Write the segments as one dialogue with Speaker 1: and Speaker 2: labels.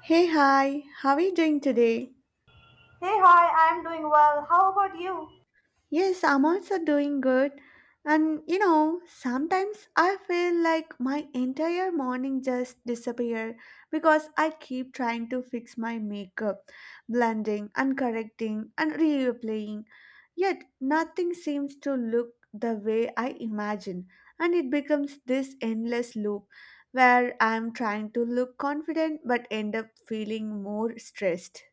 Speaker 1: Hey, hi, how are you doing today?
Speaker 2: Hey, hi, I'm doing well. How about you?
Speaker 1: Yes, I'm also doing good. And you know, sometimes I feel like my entire morning just disappear because I keep trying to fix my makeup, blending and correcting and reapplying, yet nothing seems to look the way I imagine, and it becomes this endless loop where I'm trying to look confident but end up feeling more stressed.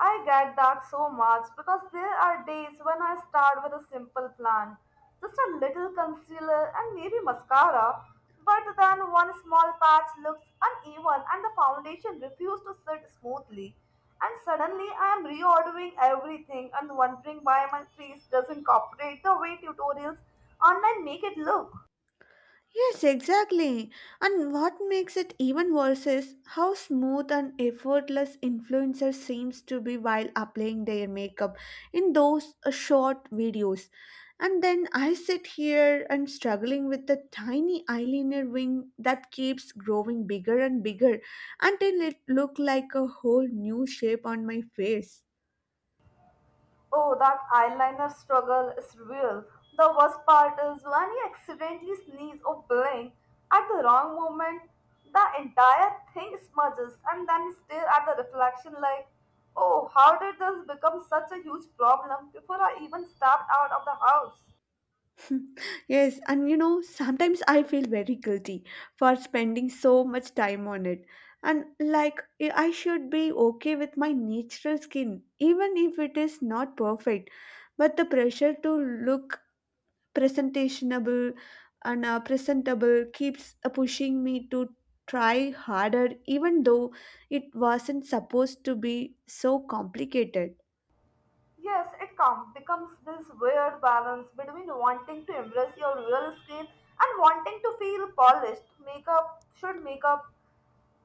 Speaker 2: I get that so much because there are days when I start with a simple plan, just a little concealer and maybe mascara, but then one small patch looks uneven and the foundation refuses to sit smoothly. And suddenly I am reordering everything and wondering why my face doesn't cooperate the way tutorials online make it look.
Speaker 1: Yes, exactly. And what makes it even worse is how smooth and effortless influencers seems to be while applying their makeup in those short videos. And then I sit here and struggling with the tiny eyeliner wing that keeps growing bigger and bigger until it look like a whole new shape on my face.
Speaker 2: Oh, that eyeliner struggle is real. The worst part is when you accidentally sneeze or blink at the wrong moment, the entire thing smudges and then you stare at the reflection like, oh, how did this become such a huge problem before I even stepped out of the house?
Speaker 1: Yes, and you know, sometimes I feel very guilty for spending so much time on it. And like, I should be okay with my natural skin, even if it is not perfect. But the pressure to look presentationable and presentable keeps pushing me to try harder, even though it wasn't supposed to be so complicated.
Speaker 2: Yes, it comes becomes this weird balance between wanting to embrace your real skin and wanting to feel polished. Makeup should make up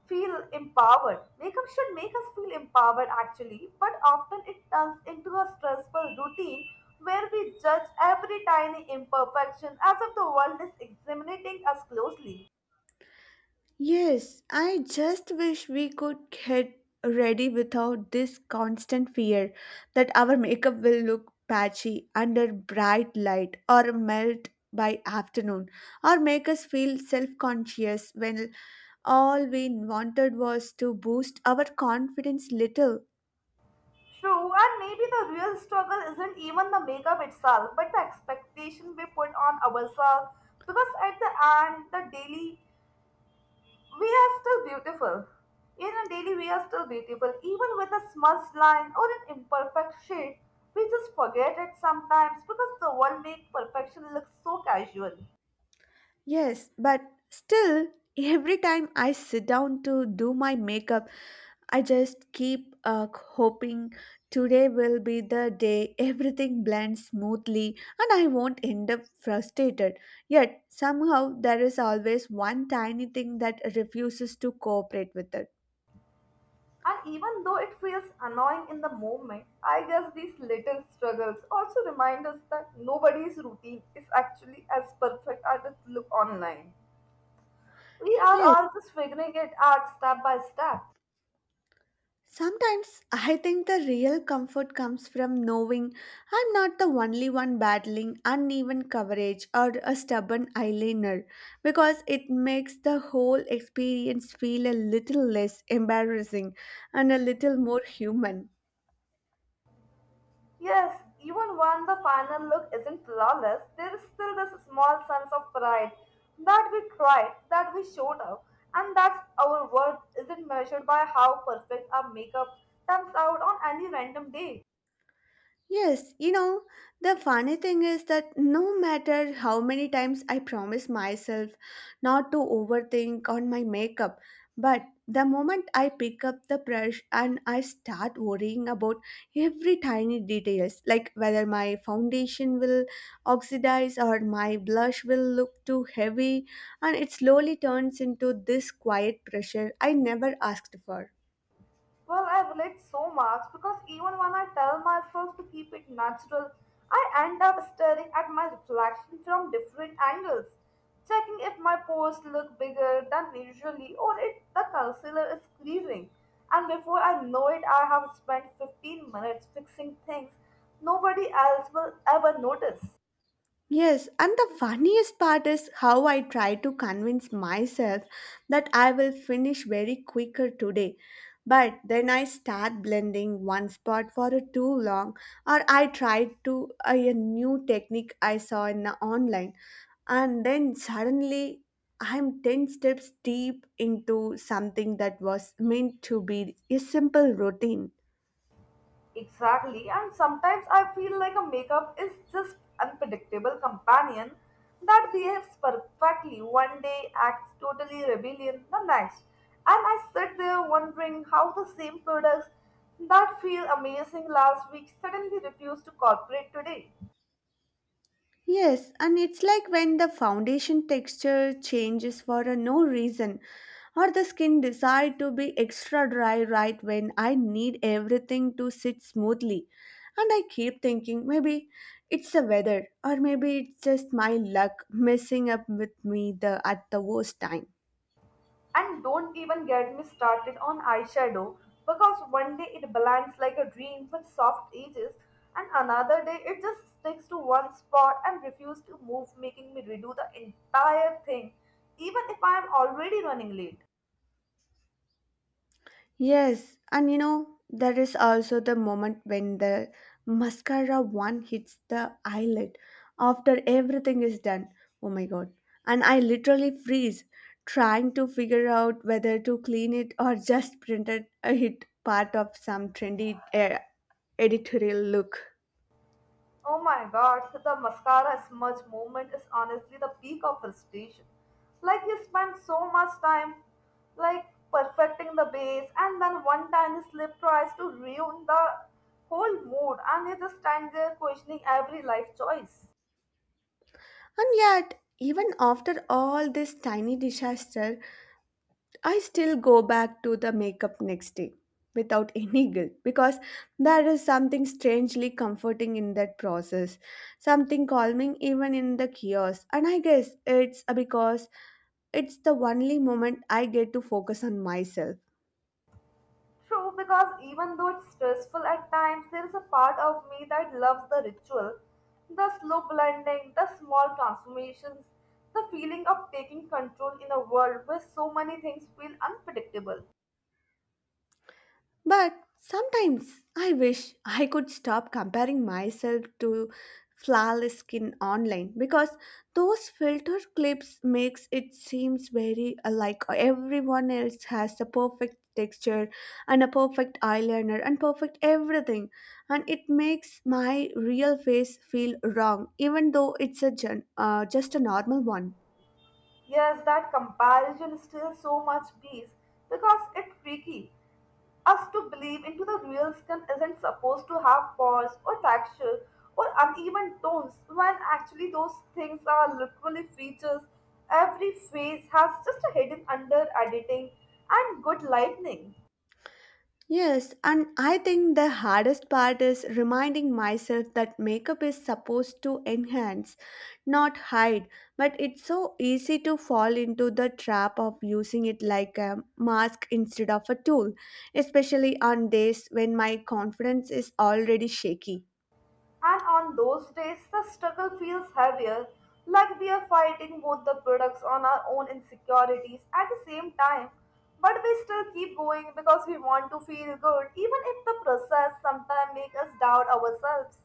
Speaker 2: feel empowered. Makeup should make us feel empowered actually, but often it turns into a stressful routine where we judge every tiny imperfection as if the world is examining us closely.
Speaker 1: Yes, I just wish we could get ready without this constant fear that our makeup will look patchy under bright light or melt by afternoon or make us feel self conscious when all we wanted was to boost our confidence little.
Speaker 2: True, and maybe the real struggle isn't even the makeup itself, but the expectation we put on ourselves because at the end, the daily We are still beautiful. In a daily, we are still beautiful. Even with a smudged line or an imperfect shade, we just forget it sometimes because the world makes perfection look so casual.
Speaker 1: Yes, but still, every time I sit down to do my makeup, I just keep hoping today will be the day everything blends smoothly and I won't end up frustrated. Yet, somehow, there is always one tiny thing that refuses to cooperate with it.
Speaker 2: And even though it feels annoying in the moment, I guess these little struggles also remind us that nobody's routine is actually as perfect as it looks online. We are
Speaker 1: Yes.
Speaker 2: all just figuring it out step by step.
Speaker 1: Sometimes I think the real comfort comes from knowing I'm not the only one battling uneven coverage or a stubborn eyeliner because it makes the whole experience feel a little less embarrassing and a little more human.
Speaker 2: Yes, even when the final look isn't flawless, there is still this small sense of pride that we tried, that we showed up, and that our worth isn't measured by how perfect our makeup turns out on any random day.
Speaker 1: Yes, you know, the funny thing is that no matter how many times I promise myself not to overthink on my makeup, but the moment I pick up the brush and I start worrying about every tiny details, like whether my foundation will oxidize or my blush will look too heavy, and it slowly turns into this quiet pressure I never asked for.
Speaker 2: Well, I relate so much because even when I tell myself to keep it natural, I end up staring at my reflection from different angles, checking if my pores look bigger than usually or if the concealer is creasing. And before I know it, I have spent 15 minutes fixing things nobody else will ever notice.
Speaker 1: Yes, and the funniest part is how I try to convince myself that I will finish very quicker today. But then I start blending one spot for a too long, or I try to a new technique I saw in the online, and then suddenly I'm 10 steps deep into something that was meant to be a simple routine.
Speaker 2: Exactly, and sometimes I feel like a makeup is just unpredictable companion that behaves perfectly one day, acts totally rebellion the next. And I sit there wondering how the same products that feel amazing last week suddenly refuse to cooperate today.
Speaker 1: Yes, and it's like when the foundation texture changes for a no reason or the skin decide to be extra dry right when I need everything to sit smoothly. And I keep thinking maybe it's the weather or maybe it's just my luck messing up with me the at the worst time.
Speaker 2: And don't even get me started on eyeshadow because one day it blends like a dream with soft edges, and another day it just sticks to one spot and refuses to move, making me redo the entire thing, even if I am already running late.
Speaker 1: Yes, and you know, there is also the moment when the mascara one hits the eyelid after everything is done. Oh my god. And I literally freeze trying to figure out whether to clean it or just print it a hit part of some trendy editorial look.
Speaker 2: Oh my god, so the mascara smudge movement is honestly the peak of frustration. Like you spend so much time like perfecting the base and then one tiny slip tries to ruin the whole mood and you just stand there questioning every life choice.
Speaker 1: And yet, even after all this tiny disaster, I still go back to the makeup next day without any guilt because there is something strangely comforting in that process, something calming even in the chaos. And I guess it's because it's the only moment I get to focus on myself.
Speaker 2: True, because even though it's stressful at times, there is a part of me that loves the ritual, the slow blending, the small transformations, the feeling of taking control in a world where so many things feel unpredictable.
Speaker 1: But sometimes I wish I could stop comparing myself to flawless skin online because those filter clips makes it seems very like everyone else has a perfect texture and a perfect eyeliner and perfect everything and it makes my real face feel wrong even though it's a just a normal one.
Speaker 2: Yes, that comparison steals so much peace because it tricky us to believe into the real skin isn't supposed to have pores or texture or uneven tones when actually those things are literally features. Every face has just a hidden under editing and good lightning.
Speaker 1: Yes, and I think the hardest part is reminding myself that makeup is supposed to enhance, not hide. But it's so easy to fall into the trap of using it like a mask instead of a tool, especially on days when my confidence is already shaky.
Speaker 2: And on those days, the struggle feels heavier, like we are fighting both the products on our own insecurities at the same time. But we still keep going because we want to feel good, even if the process sometimes makes us doubt ourselves.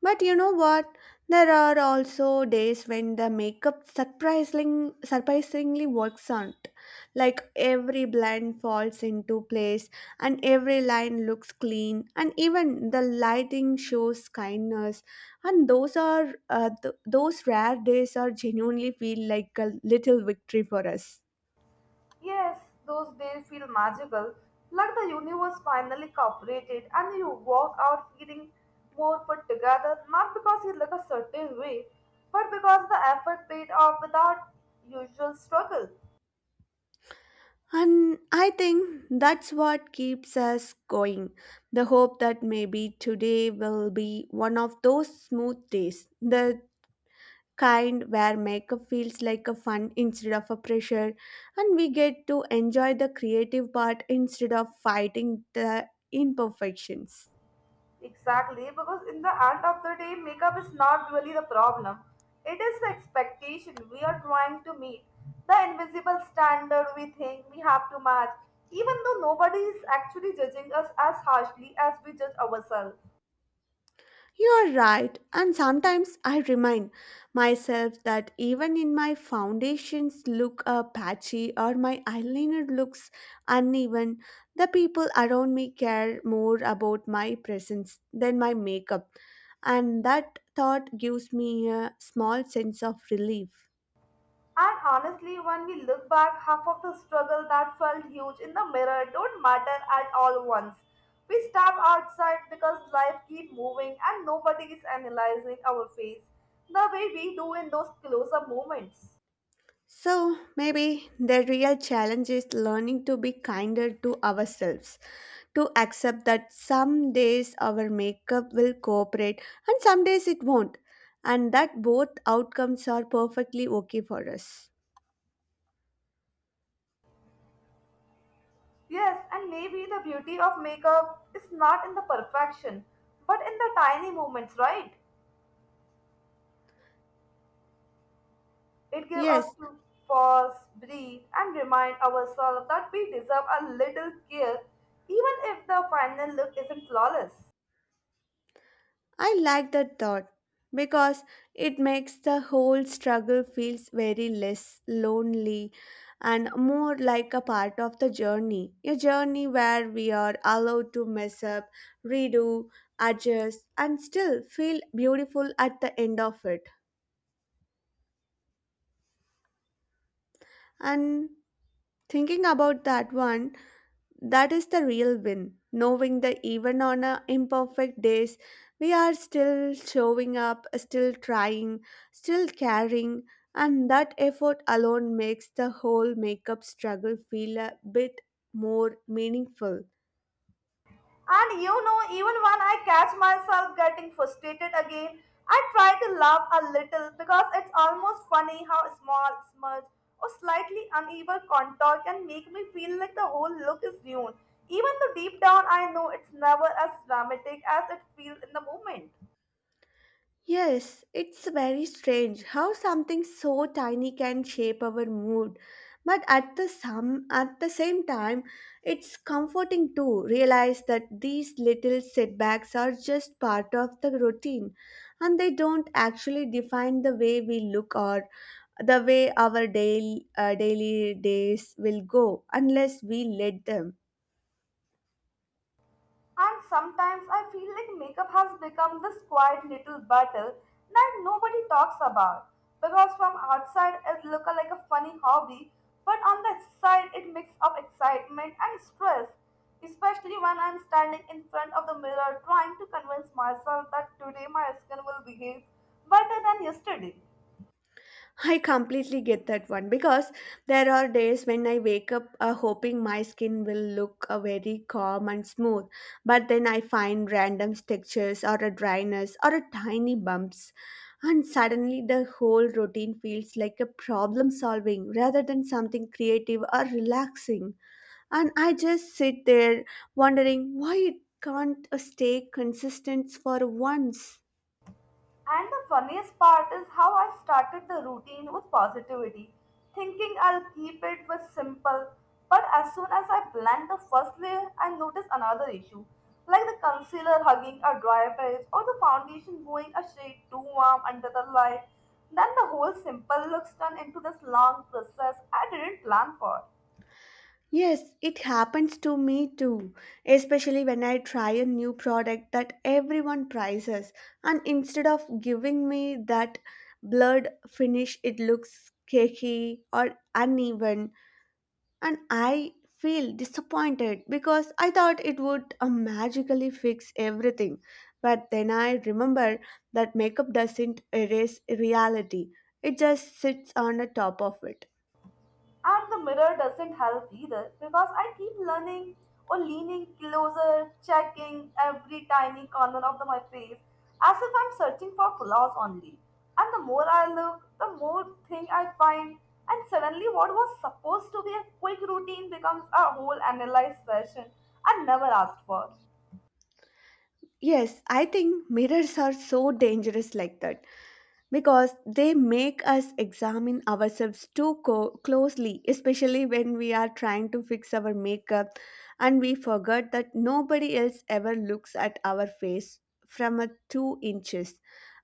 Speaker 1: But you know what? There are also days when the makeup surprisingly works out. Like every blend falls into place and every line looks clean and even the lighting shows kindness and those are those rare days are genuinely feel like a little victory for us.
Speaker 2: Yes, those days feel magical, like the universe finally cooperated and you walk out feeling more put together, not because you look a certain way, but because the effort paid off without usual struggle.
Speaker 1: And I think that's what keeps us going. The hope that maybe today will be one of those smooth days, the kind where makeup feels like a fun instead of a pressure, and we get to enjoy the creative part instead of fighting the imperfections.
Speaker 2: Exactly, because in the end of the day, makeup is not really the problem. It is the expectation we are trying to meet, the invisible standard we think we have to match, even though nobody is actually judging us as harshly as we judge ourselves.
Speaker 1: You are right, and sometimes I remind myself that even in my foundations look patchy or my eyeliner looks uneven, the people around me care more about my presence than my makeup, and that thought gives me a small sense of relief.
Speaker 2: And honestly, when we look back, half of the struggle that felt huge in the mirror don't matter at all once. We step outside because life keeps moving and nobody is analyzing our face the way we do in those close-up moments.
Speaker 1: So maybe the real challenge is learning to be kinder to ourselves to accept that some days our makeup will cooperate and some days it won't, and that both outcomes are perfectly okay for us.
Speaker 2: Yes, and maybe the beauty of makeup is not in the perfection, but in the tiny moments, right? It gives us
Speaker 1: Yes,
Speaker 2: to pause, breathe, and remind ourselves that we deserve a little care, even if the final look isn't flawless.
Speaker 1: I like that thought because it makes the whole struggle feels very less lonely and more like a part of the journey a journey where we are allowed to mess up redo adjust and still feel beautiful at the end of it and Thinking about that one, that is the real win. Knowing that even on our imperfect days, we are still showing up, still trying, still caring, and that effort alone makes the whole makeup struggle feel a bit more meaningful.
Speaker 2: And you know, even when I catch myself getting frustrated again, I try to laugh a little because it's almost funny how a small smudge or slightly uneven contour can make me feel like the whole look is ruined, even though deep down I know it's never as dramatic as it feels in the moment.
Speaker 1: Yes, it's very strange how something so tiny can shape our mood. But at the some at the same time, it's comforting to realize that these little setbacks are just part of the routine and they don't actually define the way we look or the way our daily days will go unless we let them.
Speaker 2: And sometimes I feel like makeup has become this quiet little battle that nobody talks about. Because from outside it looks like a funny hobby, but on the inside it makes up excitement and stress. Especially when I'm standing in front of the mirror trying to convince myself that today my skin will behave better than yesterday.
Speaker 1: I completely get that one because there are days when I wake up hoping my skin will look very calm and smooth, but then I find random textures or a dryness or a tiny bumps, and suddenly the whole routine feels like a problem solving rather than something creative or relaxing. And I just sit there wondering why it can't stay consistent for once.
Speaker 2: And the funniest part is how I started the routine with positivity, thinking I'll keep it with simple. But as soon as I blend the first layer, I notice another issue, like the concealer hugging a dry patch or the foundation going a shade too warm under the light. Then the whole simple looks turn into this long process I didn't plan for.
Speaker 1: Yes, it happens to me too, especially when I try a new product that everyone prizes, and instead of giving me that blurred finish, it looks cakey or uneven, and I feel disappointed because I thought it would magically fix everything. But then I remember that makeup doesn't erase reality, it just sits on the top of it.
Speaker 2: And the mirror doesn't help either because I keep learning or leaning closer, checking every tiny corner of my face as if I'm searching for flaws only. And the more I look, the more thing I find. And suddenly, what was supposed to be a quick routine becomes a whole analyzed session I never asked for.
Speaker 1: Yes, I think mirrors are so dangerous like that because they make us examine ourselves closely, especially when we are trying to fix our makeup and we forget that nobody else ever looks at our face from a 2 inches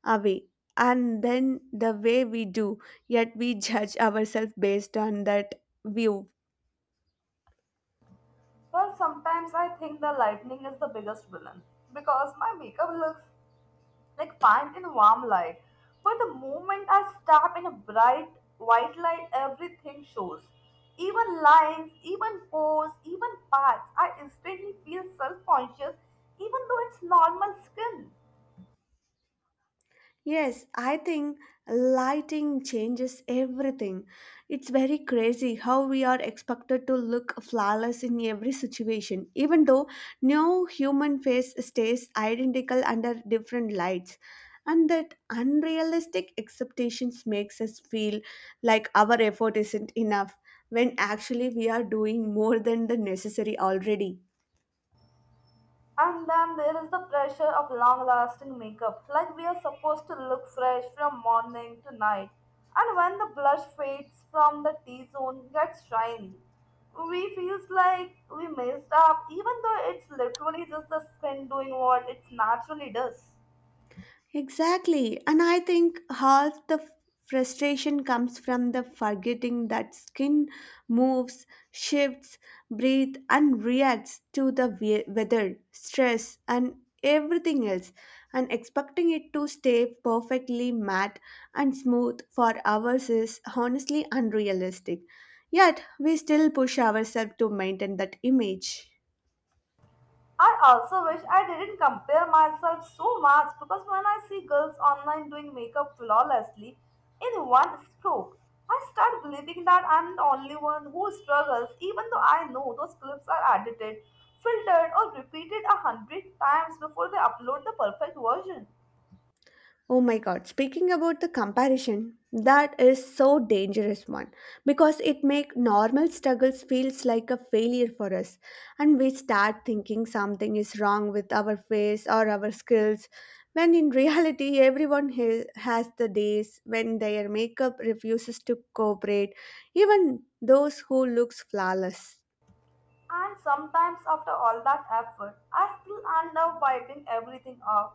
Speaker 1: away. And then the way we do, yet we judge ourselves based on that view.
Speaker 2: Well, sometimes I think the lightning is the biggest villain because my makeup looks like fine in warm light. But the moment I step in a bright white light, everything shows. Even lines, even pose, even paths. I instantly feel self conscious, even though it's normal skin.
Speaker 1: Yes, I think lighting changes everything. It's very crazy how we are expected to look flawless in every situation, even though no human face stays identical under different lights. And that unrealistic expectations makes us feel like our effort isn't enough when actually we are doing more than the necessary already.
Speaker 2: And then there is the pressure of long lasting makeup, like we are supposed to look fresh from morning to night. And when the blush fades from the T zone, gets shiny, we feels like we messed up, even though it's literally just the skin doing what it naturally does.
Speaker 1: Exactly. And I think half the frustration comes from the forgetting that skin moves, shifts, breathes, and reacts to the weather, stress, and everything else, and expecting it to stay perfectly matte and smooth for hours is honestly unrealistic. Yet, we still push ourselves to maintain that image.
Speaker 2: I also wish I didn't compare myself so much because when I see girls online doing makeup flawlessly in one stroke, I start believing that I'm the only one who struggles, even though I know those clips are edited, filtered, or repeated 100 times before they upload the perfect version.
Speaker 1: Oh my god, speaking about the comparison, that is so dangerous one because it make normal struggles feels like a failure for us and we start thinking something is wrong with our face or our skills when in reality everyone has the days when their makeup refuses to cooperate even those who looks flawless.
Speaker 2: And sometimes, after all that effort, I still end up wiping everything off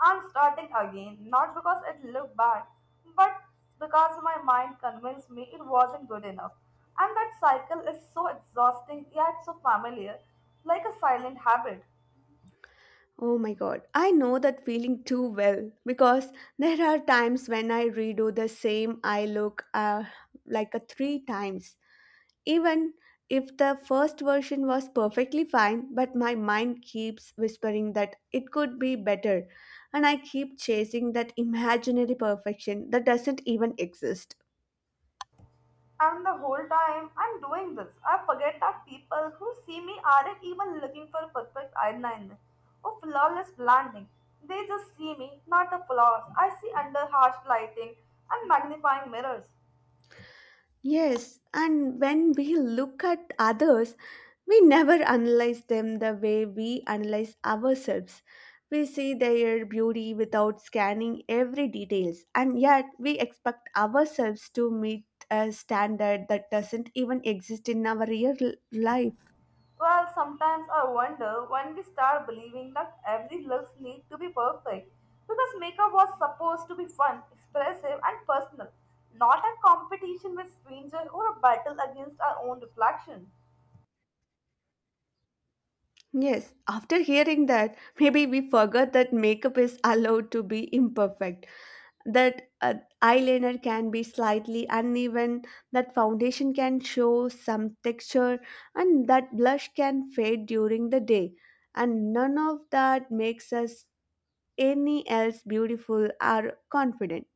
Speaker 2: and starting again, not because it looked bad, but because my mind convinced me it wasn't good enough. And that cycle is so exhausting yet so familiar, like a silent habit.
Speaker 1: Oh my god, I know that feeling too well because there are times when I redo the same I look like a three times. Even if the first version was perfectly fine, but my mind keeps whispering that it could be better, and I keep chasing that imaginary perfection that doesn't even exist.
Speaker 2: And the whole time I'm doing this, I forget that people who see me aren't even looking for perfect eyeliner or flawless blending. They just see me, not the flaws I see under harsh lighting and magnifying mirrors.
Speaker 1: Yes, and when we look at others, we never analyze them the way we analyze ourselves. We see their beauty without scanning every details, and yet we expect ourselves to meet a standard that doesn't even exist in our real life.
Speaker 2: Well, sometimes I wonder when we start believing that every looks need to be perfect because makeup was supposed to be fun, expressive, and personal, not a competition with strangers or a battle against our own reflection.
Speaker 1: Yes, after hearing that, maybe we forgot that makeup is allowed to be imperfect that eyeliner can be slightly uneven, that foundation can show some texture, and that blush can fade during the day. And none of that makes us any else beautiful or confident.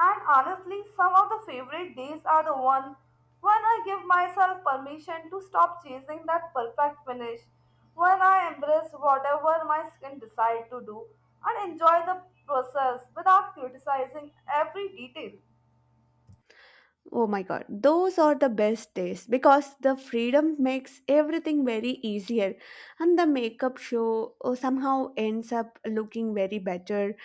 Speaker 2: And honestly, some of the favorite days are the one when I give myself permission to stop chasing that perfect finish, when I embrace whatever my skin decide to do and enjoy the process without criticizing every detail.
Speaker 1: Oh my god, those are the best days because the freedom makes everything very easier, and the makeup show oh, somehow ends up looking very better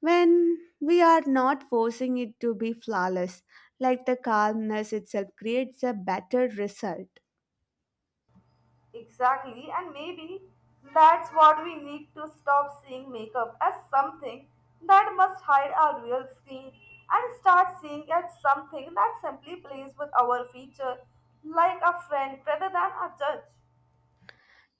Speaker 1: when we are not forcing it to be flawless, like the calmness itself creates a better result.
Speaker 2: Exactly, and maybe that's what we need to stop seeing makeup as something that must hide our real skin and start seeing it as something that simply plays with our feature like a friend rather than a judge.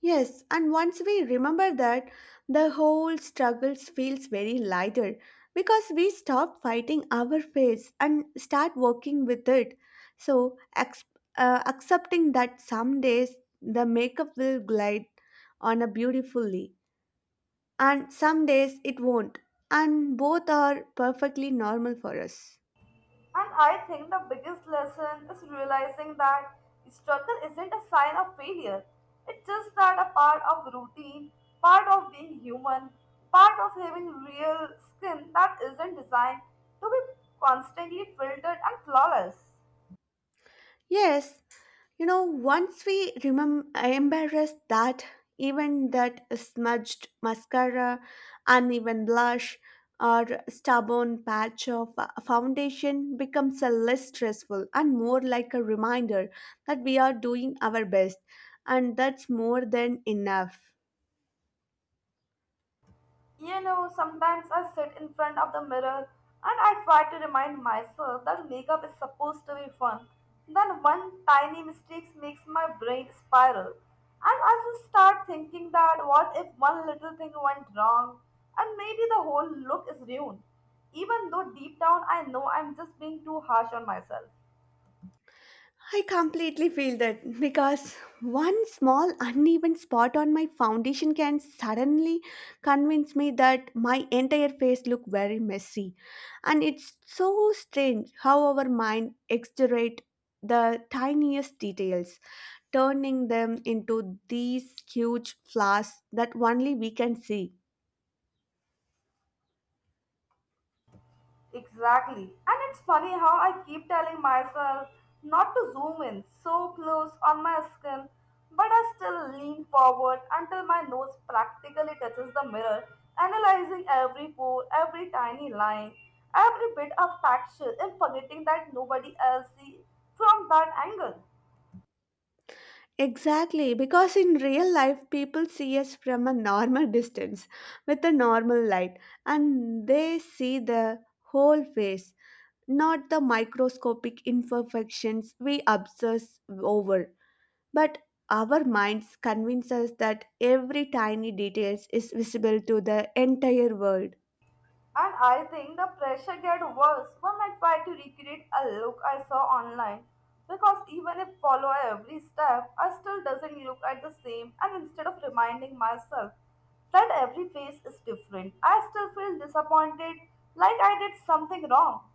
Speaker 1: Yes, and once we remember that, the whole struggle feels very lighter because we stop fighting our face and start working with it. So, accepting that some days the makeup will glide on a beautifully and some days it won't, and both are perfectly normal for us.
Speaker 2: And I think the biggest lesson is realizing that struggle isn't a sign of failure. It's just that a part of routine, part of being human, part of having real skin that isn't designed to be constantly filtered and flawless.
Speaker 1: Yes, you know, once we embarrass that, even that smudged mascara, uneven blush, or stubborn patch of foundation becomes a less stressful and more like a reminder that we are doing our best, and that's more than enough.
Speaker 2: You know, sometimes I sit in front of the mirror and I try to remind myself that makeup is supposed to be fun. Then one tiny mistake makes my brain spiral, and I just start thinking that what if one little thing went wrong and maybe the whole look is ruined, even though deep down I know I'm just being too harsh on myself.
Speaker 1: I completely feel that because one small uneven spot on my foundation can suddenly convince me that my entire face look very messy, and it's so strange how our mind exaggerate the tiniest details, turning them into these huge flaws that only we can see.
Speaker 2: Exactly. And it's funny how I keep telling myself not to zoom in so close on my skin, but I still lean forward until my nose practically touches the mirror, analyzing every pore, every tiny line, every bit of texture, and forgetting that nobody else sees from that angle.
Speaker 1: Exactly, because in real life, people see us from a normal distance with a normal light, and they see the whole face, not the microscopic imperfections we obsess over. But our minds convince us that every tiny detail is visible to the entire world.
Speaker 2: And I think the pressure get worse when I try to recreate a look I saw online. Because even if follow every step, I still doesn't look at the same and instead of reminding myself that every face is different, I still feel disappointed like I did something wrong.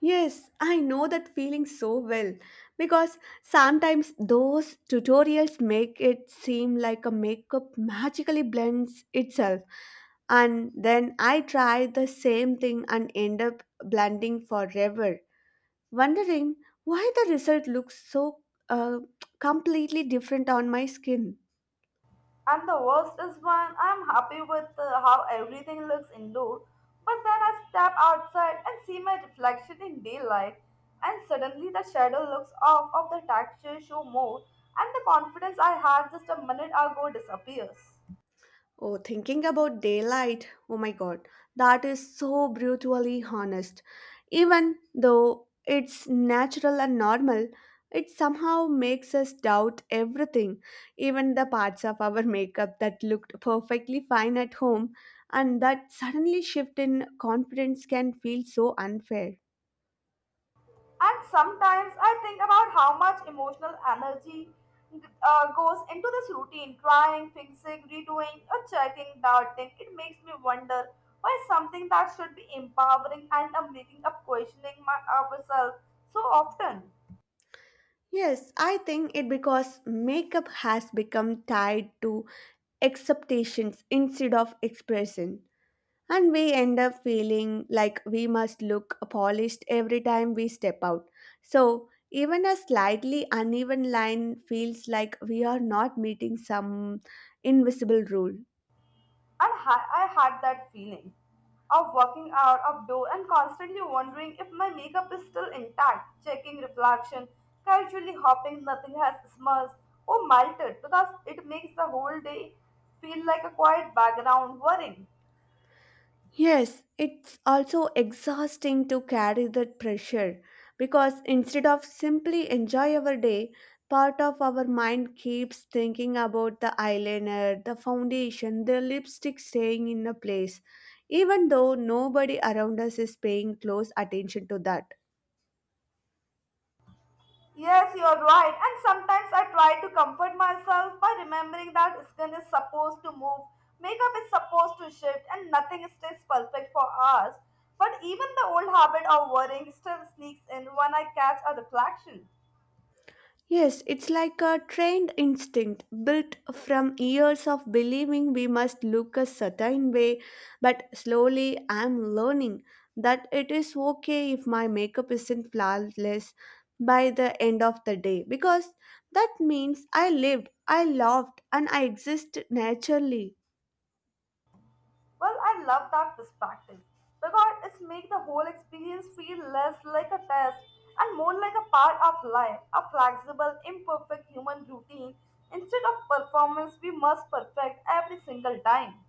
Speaker 1: Yes, I know that feeling so well because sometimes those tutorials make it seem like a makeup magically blends itself, and then I try the same thing and end up blending forever, wondering why the result looks so uh, completely different on my skin.
Speaker 2: And the worst is when I'm happy with how everything looks indoor, but then I step outside and see my reflection in daylight, and suddenly the shadow looks off of the texture show more, and the confidence I had just a minute ago disappears.
Speaker 1: Oh, thinking about daylight, oh my god, that is so brutally honest. Even though it's natural and normal, it somehow makes us doubt everything, even the parts of our makeup that looked perfectly fine at home, and that suddenly shift in confidence can feel so unfair.
Speaker 2: And sometimes I think about how much emotional energy goes into this routine, trying, fixing, redoing, or checking, doubting. It makes me wonder why something that should be empowering and I'm making up questioning my ourselves so often.
Speaker 1: Yes, I think it because makeup has become tied to acceptations instead of expression. And we end up feeling like we must look polished every time we step out. So, even a slightly uneven line feels like we are not meeting some invisible rule.
Speaker 2: And I had that feeling of walking out of door and constantly wondering if my makeup is still intact, checking reflection, casually hoping nothing has smudged or melted because it makes the whole day feel like a quiet background worrying.
Speaker 1: Yes, it's also exhausting to carry that pressure because instead of simply enjoy our day, part of our mind keeps thinking about the eyeliner, the foundation, the lipstick staying in a place, even though nobody around us is paying close attention to that.
Speaker 2: Yes, you are right. And sometimes I try to comfort myself by remembering that skin is supposed to move, makeup is supposed to shift, and nothing stays perfect for us. But even the old habit of worrying still sneaks in when I catch a reflection.
Speaker 1: Yes, it's like a trained instinct built from years of believing we must look a certain way, but slowly I'm learning that it is okay if my makeup isn't flawless by the end of the day because that means I lived, I loved, and I exist naturally.
Speaker 2: Well, I love that perspective because it's make the whole experience feel less like a test and more like a part of life, a flexible, imperfect human routine instead of performance we must perfect every single time.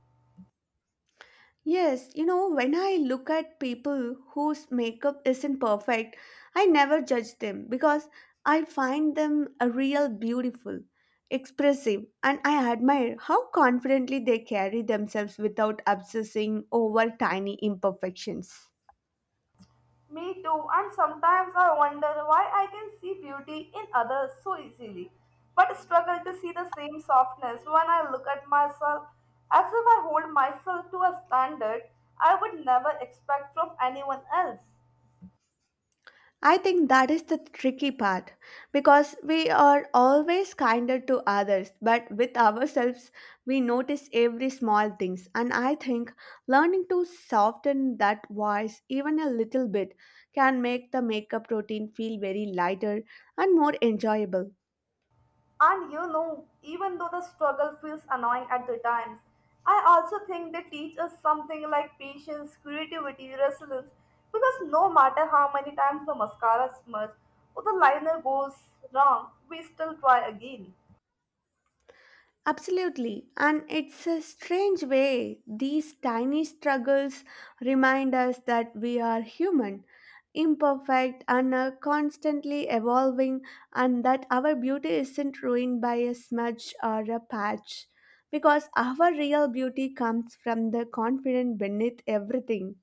Speaker 1: Yes, you know, when I look at people whose makeup isn't perfect, I never judge them because I find them a real beautiful, expressive, and I admire how confidently they carry themselves without obsessing over tiny imperfections.
Speaker 2: Me too, and sometimes I wonder why I can see beauty in others so easily, but struggle to see the same softness when I look at myself as if I hold myself to a standard I would never expect from anyone else.
Speaker 1: I think that is the tricky part because we are always kinder to others, but with ourselves, we notice every small things. And I think learning to soften that voice even a little bit can make the makeup routine feel very lighter and more enjoyable.
Speaker 2: And you know, even though the struggle feels annoying at the times, I also think they teach us something like patience, creativity, resilience. Because no matter how many times the mascara smudges or the liner goes wrong, we still try again.
Speaker 1: Absolutely. And it's a strange way these tiny struggles remind us that we are human, imperfect, and are constantly evolving, and that our beauty isn't ruined by a smudge or a patch. Because our real beauty comes from the confidence beneath everything.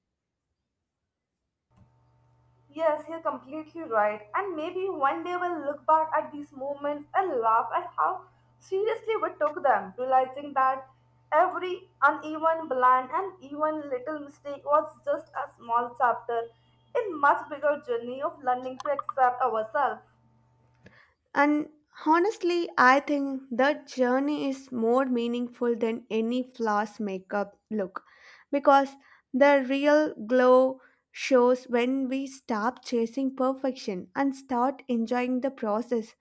Speaker 2: Yes, you're completely right. And maybe one day we'll look back at these moments and laugh at how seriously we took them, realizing that every uneven bland and even little mistake was just a small chapter in much bigger journey of learning to accept ourselves.
Speaker 1: And honestly, I think that journey is more meaningful than any floss makeup look because the real glow shows when we stop chasing perfection and start enjoying the process,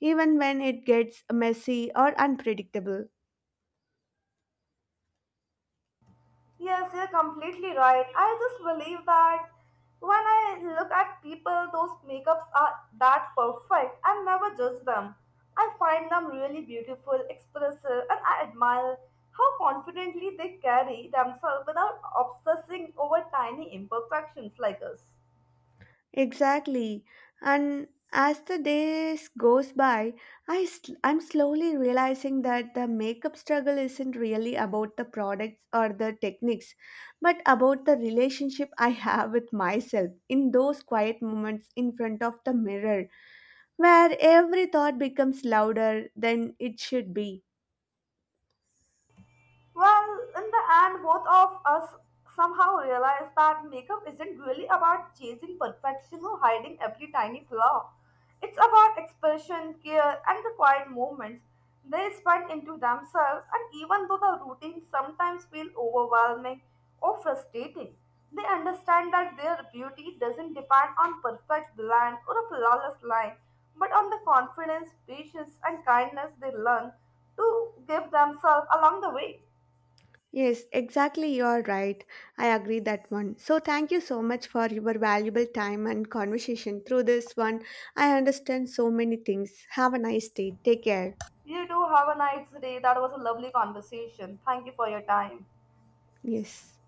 Speaker 1: even when it gets messy or unpredictable.
Speaker 2: Yes, you're completely right. I just believe that when I look at people, those makeups are that perfect. I never judge them. I find them really beautiful, expressive, and I admire how confidently they carry themselves without obsessing over tiny imperfections like us.
Speaker 1: Exactly. And as the days goes by, I'm slowly realizing that the makeup struggle isn't really about the products or the techniques, but about the relationship I have with myself in those quiet moments in front of the mirror, where every thought becomes louder than it should be.
Speaker 2: Well, in the end, both of us somehow realized that makeup isn't really about chasing perfection or hiding every tiny flaw. It's about expression, care, and the quiet moments they spend into themselves. And even though the routine sometimes feels overwhelming or frustrating, they understand that their beauty doesn't depend on perfect blend or a flawless line, but on the confidence, patience, and kindness they learn to give themselves along the way.
Speaker 1: Yes, exactly. You are right. I agree that one. So thank you so much for your valuable time and conversation. Through this one, I understand so many things. Have a nice day. Take care.
Speaker 2: You do have a nice day. That was a lovely conversation. Thank you for your time.
Speaker 1: Yes.